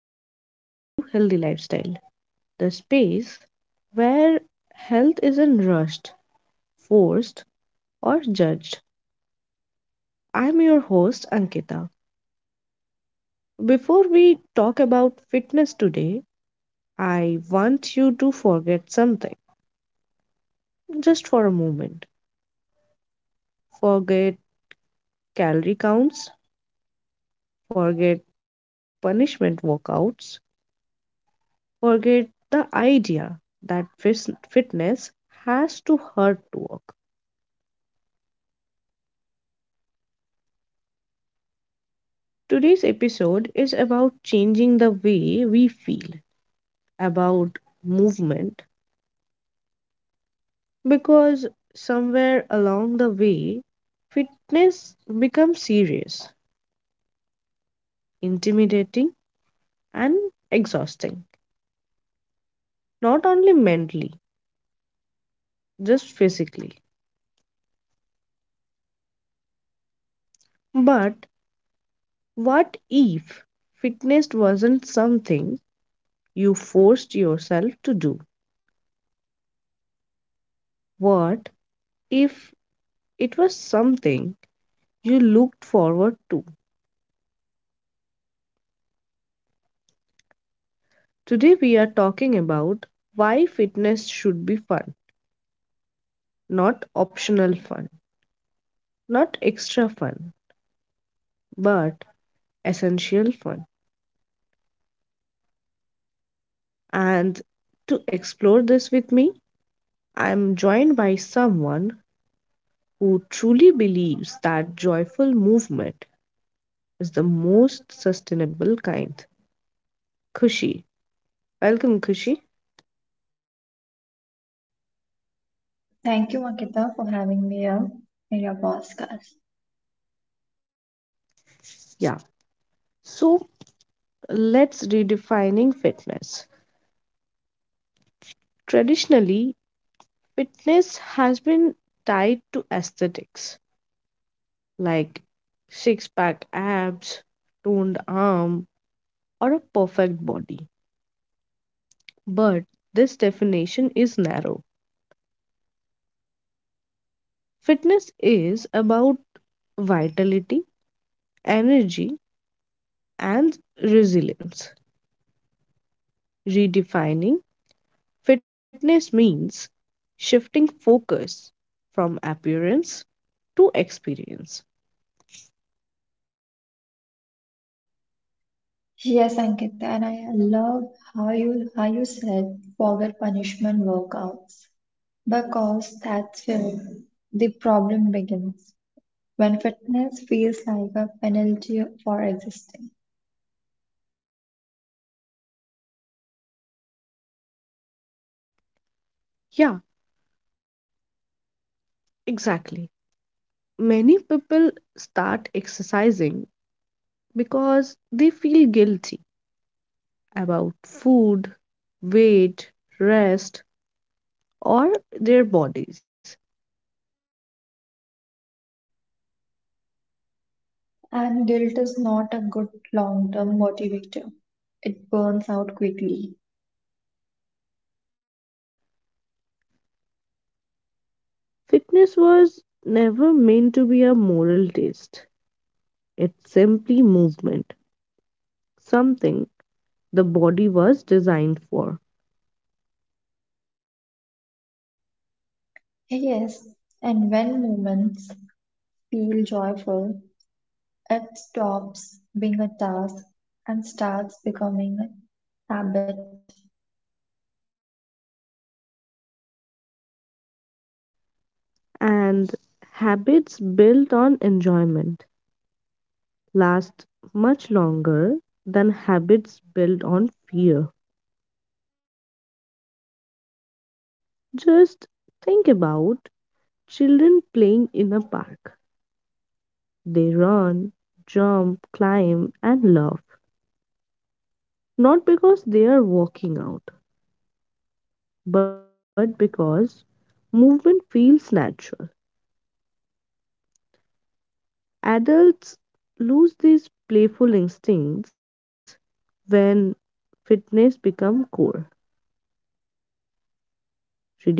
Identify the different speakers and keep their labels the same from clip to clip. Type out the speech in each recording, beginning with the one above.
Speaker 1: and welcome back to Healthy Lifestyle, the space where health isn't rushed, forced, or judged. I'm your host, Ankita. Before we talk about fitness today, I want you to forget something just for a moment. Forget calorie counts, forget punishment workouts, forget the idea that fitness has to hurt to work. Today's episode is about changing the way we feel about movement, because somewhere along the way, fitness becomes serious, intimidating, and exhausting. Not only mentally, just physically. But what if fitness wasn't something you forced yourself to do? What if it was something you looked forward to? Today we are talking about why fitness should be fun, not optional fun, not extra fun, but essential fun. And to explore this with me, I am joined by someone who truly believes that joyful movement is the most sustainable kind. Kushi. Welcome, Kushi.
Speaker 2: Thank you, Ankita, for having me here in your podcast.
Speaker 1: Yeah. So let's redefining fitness. Traditionally, fitness has been tied to aesthetics like six pack abs, toned arm, or a perfect body. But this definition is narrow. Fitness is about vitality, energy, and resilience. Redefining fitness means shifting focus from appearance to experience.
Speaker 2: Yes, Ankita, and I love how you said forget punishment workouts because that's where the problem begins. When fitness feels like a penalty for existing,
Speaker 1: Yeah, exactly. Many people start exercising because they feel guilty about food, weight, rest, or their bodies.
Speaker 2: and guilt is not a good long-term motivator. It burns out quickly.
Speaker 1: Fitness was never meant to be a moral test, it's simply movement, something the body was designed for.
Speaker 2: Yes, and when moments feel joyful, it stops being a task and starts becoming a habit.
Speaker 1: And habits built on enjoyment last much longer than habits built on fear. Just think about children playing in a park. They run, jump, climb, and laugh. Not because they are working out, but because movement feels natural. Adults lose these playful instincts when fitness becomes core.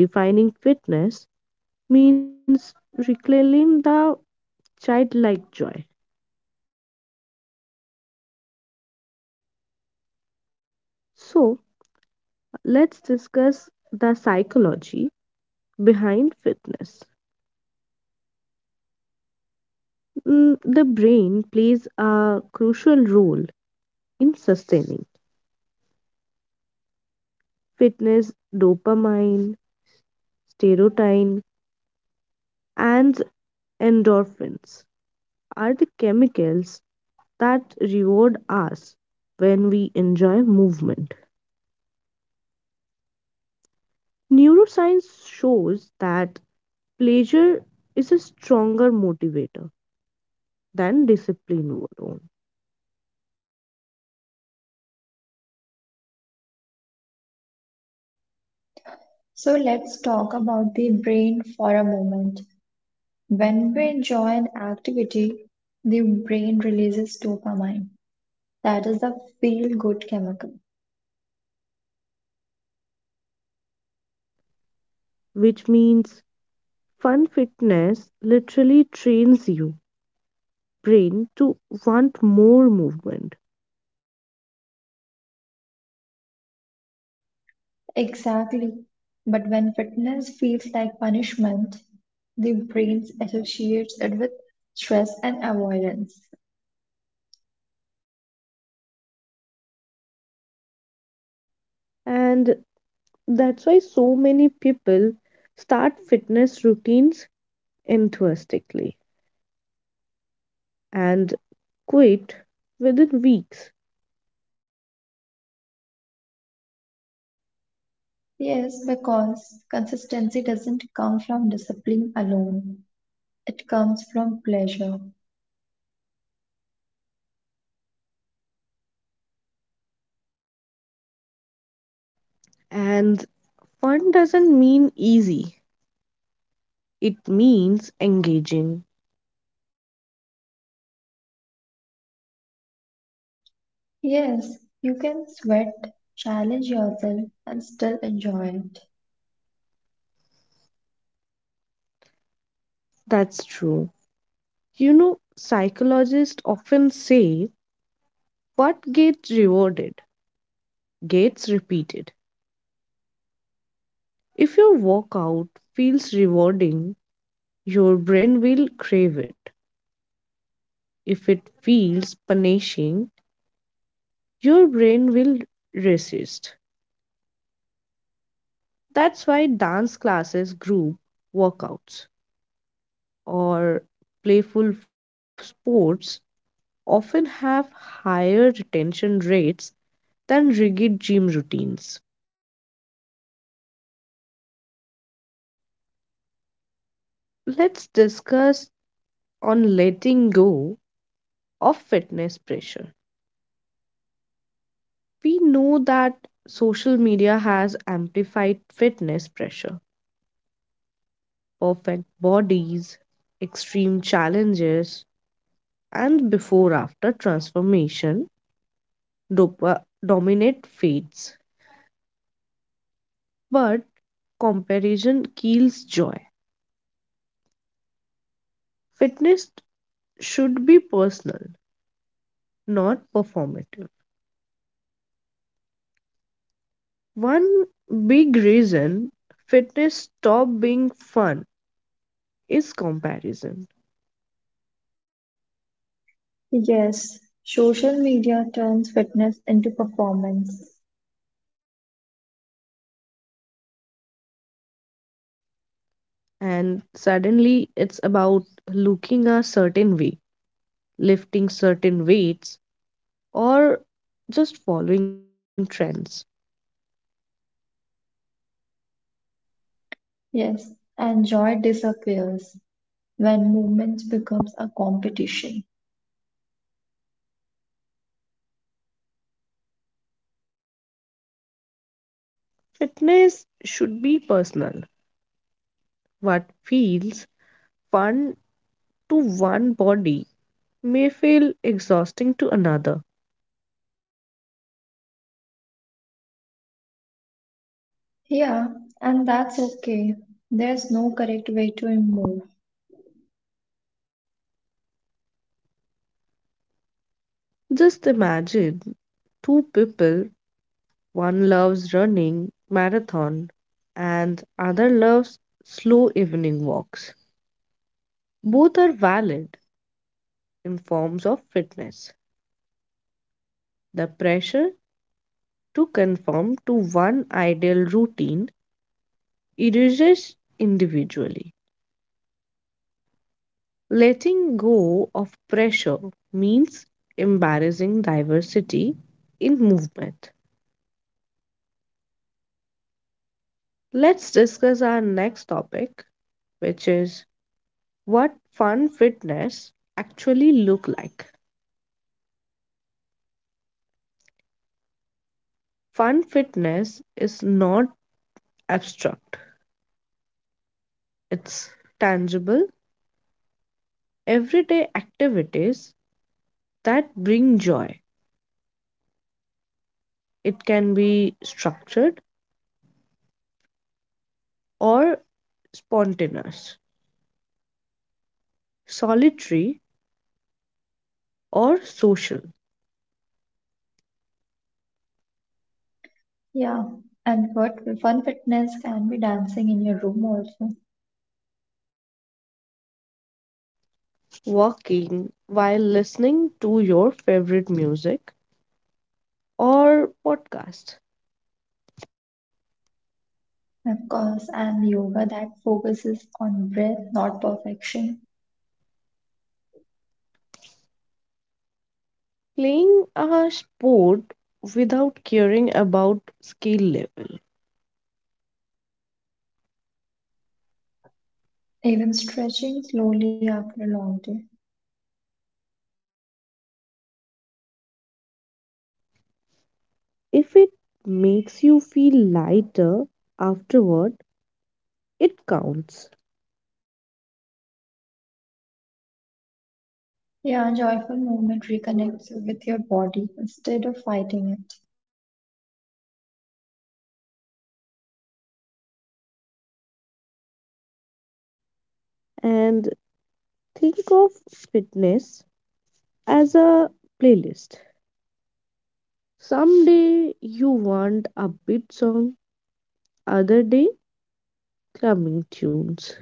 Speaker 1: Redefining fitness means reclaiming the childlike joy. So, let's discuss the psychology behind fitness. The brain plays a crucial role in sustaining fitness dopamine serotonin, and endorphins are the chemicals that reward us when we enjoy movement. Neuroscience shows that pleasure is a stronger motivator than discipline alone,
Speaker 2: So let's talk about the brain for a moment. When we enjoy an activity, the brain releases dopamine. That is a feel good chemical.
Speaker 1: which means fun fitness literally trains your brain to want more movement.
Speaker 2: Exactly. But when fitness feels like punishment, the brain associates it with stress and avoidance.
Speaker 1: And that's why so many people start fitness routines enthusiastically and quit within weeks.
Speaker 2: Yes, because consistency doesn't come from discipline alone. It comes from pleasure.
Speaker 1: And fun doesn't mean easy, it means engaging.
Speaker 2: Yes, you can sweat, challenge yourself, and still enjoy it.
Speaker 1: That's true. You know, psychologists often say what gets rewarded gets repeated. If your workout feels rewarding, your brain will crave it. If it feels punishing, your brain will resist. That's why dance classes group workouts or playful sports often have higher retention rates than rigid gym routines. Let's discuss on letting go of fitness pressure. We know that social media has amplified fitness pressure, perfect bodies, extreme challenges, and before after transformation dominate fates. But comparison kills joy. Fitness should be personal, not performative. One big reason fitness stop being fun is comparison.
Speaker 2: Yes, social media turns fitness into performance.
Speaker 1: And suddenly it's about looking a certain way, lifting certain weights, or just following trends.
Speaker 2: Yes, and joy disappears when movement becomes a competition.
Speaker 1: Fitness should be personal. What feels fun to one body may feel exhausting to another.
Speaker 2: Yeah, and that's okay. There's no correct way to move.
Speaker 1: Just imagine two people, one loves running marathon and other loves slow evening walks. Both are valid in forms of fitness. The pressure to conform to one ideal routine erases individually. Letting go of pressure means embarrassing diversity in movement. Let's discuss our next topic, which is what fun fitness actually look like. Fun fitness is not abstract. It's tangible, everyday activities that bring joy. It can be structured or spontaneous, solitary or social.
Speaker 2: Yeah, and what fun fitness can be dancing in your room also.
Speaker 1: Walking while listening to your favorite music or podcast.
Speaker 2: Of course, and yoga that focuses on breath, not perfection.
Speaker 1: Playing a sport without caring about skill level.
Speaker 2: Even stretching slowly after a long day.
Speaker 1: If it makes you feel lighter afterward, it counts.
Speaker 2: Yeah, joyful movement reconnects you with your body instead of fighting it.
Speaker 1: And think of fitness as a playlist. Someday you want a beat song, other day clubbing tunes.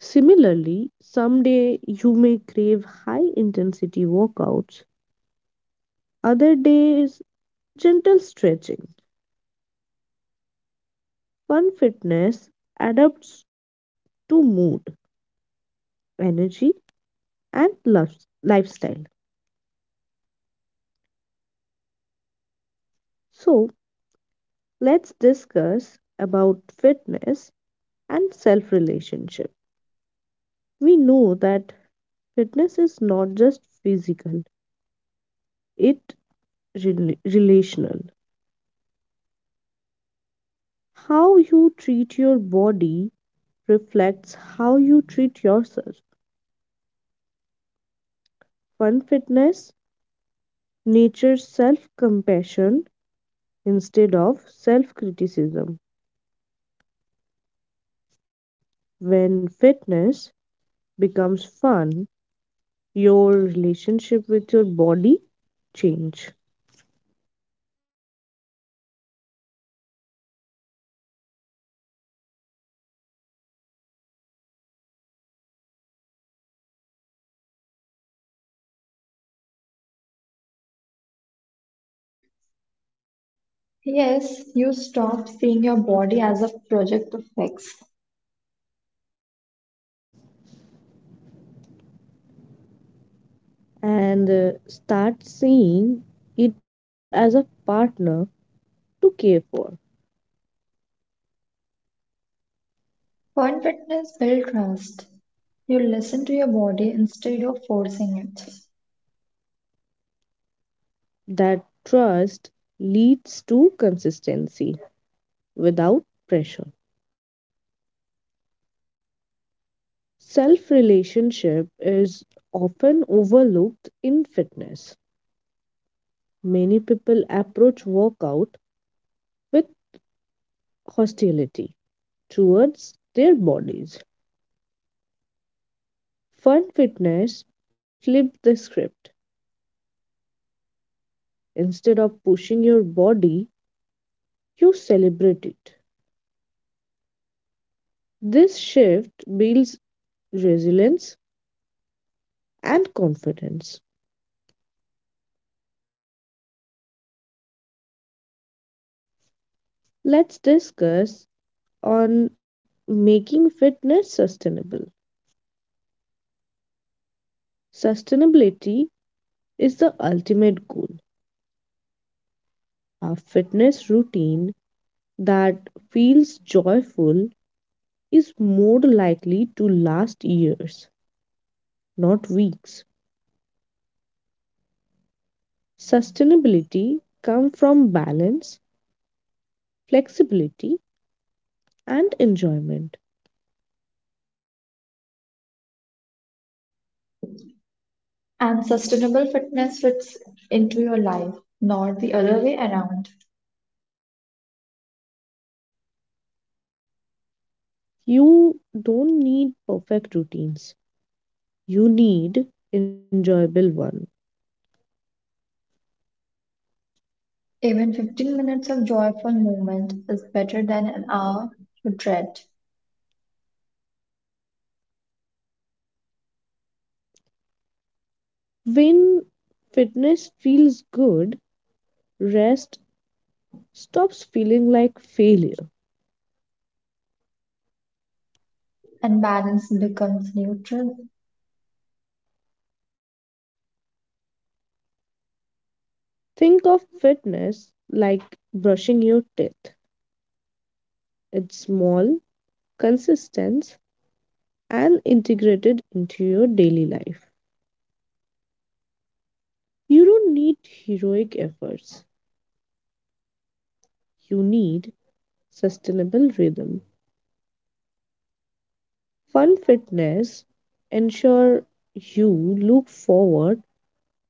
Speaker 1: Similarly, someday you may crave high intensity workouts, other days gentle stretching. Fun fitness adapts to mood, energy, and lifestyle. So, let's discuss about fitness and self relationship. We know that fitness is not just physical, it relational. How you treat your body reflects how you treat yourself. Fun fitness nurtures self compassion instead of self criticism. When fitness becomes fun, your relationship with your body change
Speaker 2: Yes, you stop seeing your body as a project to fix.
Speaker 1: and start seeing it as a partner to care for.
Speaker 2: Fun fitness builds trust. You listen to your body instead of forcing it.
Speaker 1: That trust leads to consistency without pressure. Self relationship is often overlooked in fitness. Many people approach workout with hostility towards their bodies. Fun fitness flips the script. Instead of pushing your body, you celebrate it. This shift builds resilience and confidence. Let's discuss on making fitness sustainable. Sustainability is the ultimate goal. A fitness routine that feels joyful is more likely to last years, not weeks. Sustainability comes from balance, flexibility, and enjoyment.
Speaker 2: And sustainable fitness fits into your life, not the other way around.
Speaker 1: You don't need perfect routines, you need enjoyable one.
Speaker 2: Even 15 minutes of joyful movement is better than an hour to dread,
Speaker 1: When fitness feels good, rest stops feeling like failure.
Speaker 2: and balance becomes neutral.
Speaker 1: Think of fitness like brushing your teeth. It's small, consistent, and integrated into your daily life. You don't need heroic efforts. You need sustainable rhythm. Fun fitness ensure you look forward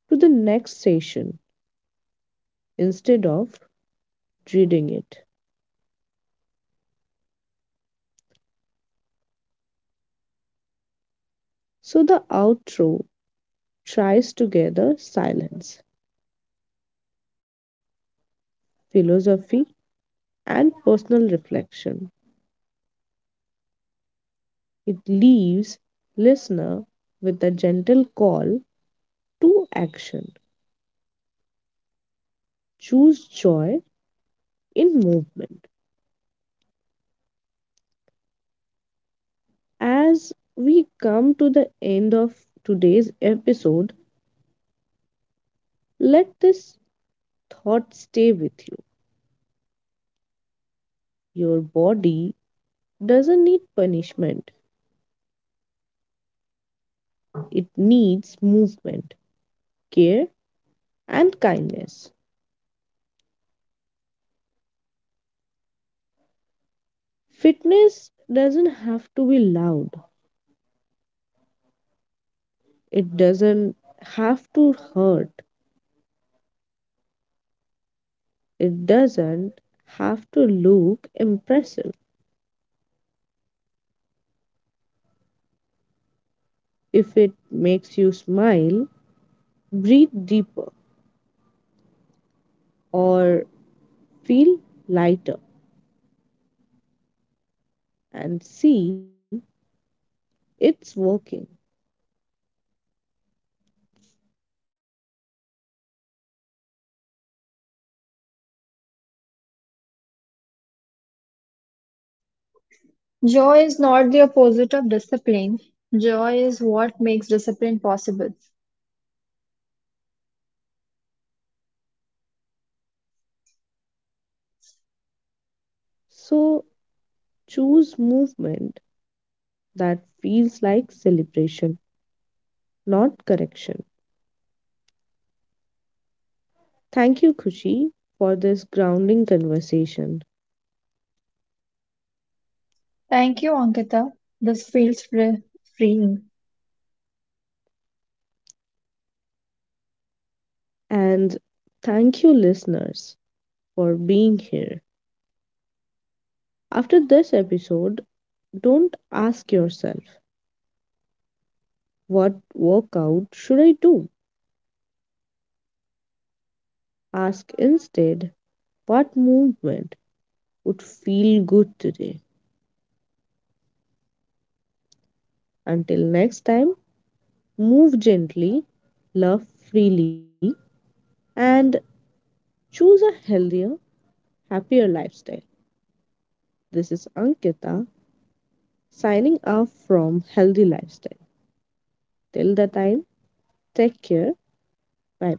Speaker 1: to the next session instead of reading it. So the outro tries to gather silence, philosophy, and personal reflection. It leaves listener with a gentle call to action. Choose joy in movement. As we come to the end of today's episode, let this thought stay with you. Your body doesn't need punishment, it needs movement, care, and kindness. Fitness doesn't have to be loud, it doesn't have to hurt, it doesn't have to look impressive. If it makes you smile, breathe deeper, or feel lighter and see, it's working.
Speaker 2: Joy is not the opposite of discipline. Joy is what makes discipline possible.
Speaker 1: So choose movement that feels like celebration, not correction. Thank you, Kushi, for this grounding conversation.
Speaker 2: Thank you, Ankita. This feels freeing.
Speaker 1: And thank you, listeners, for being here. After this episode, don't ask yourself, what workout should I do? Ask instead, what movement would feel good today? Until next time, move gently, love freely, and choose a healthier, happier lifestyle. This is Ankita signing off from Healthy Lifestyle. Till the time, take care. Bye.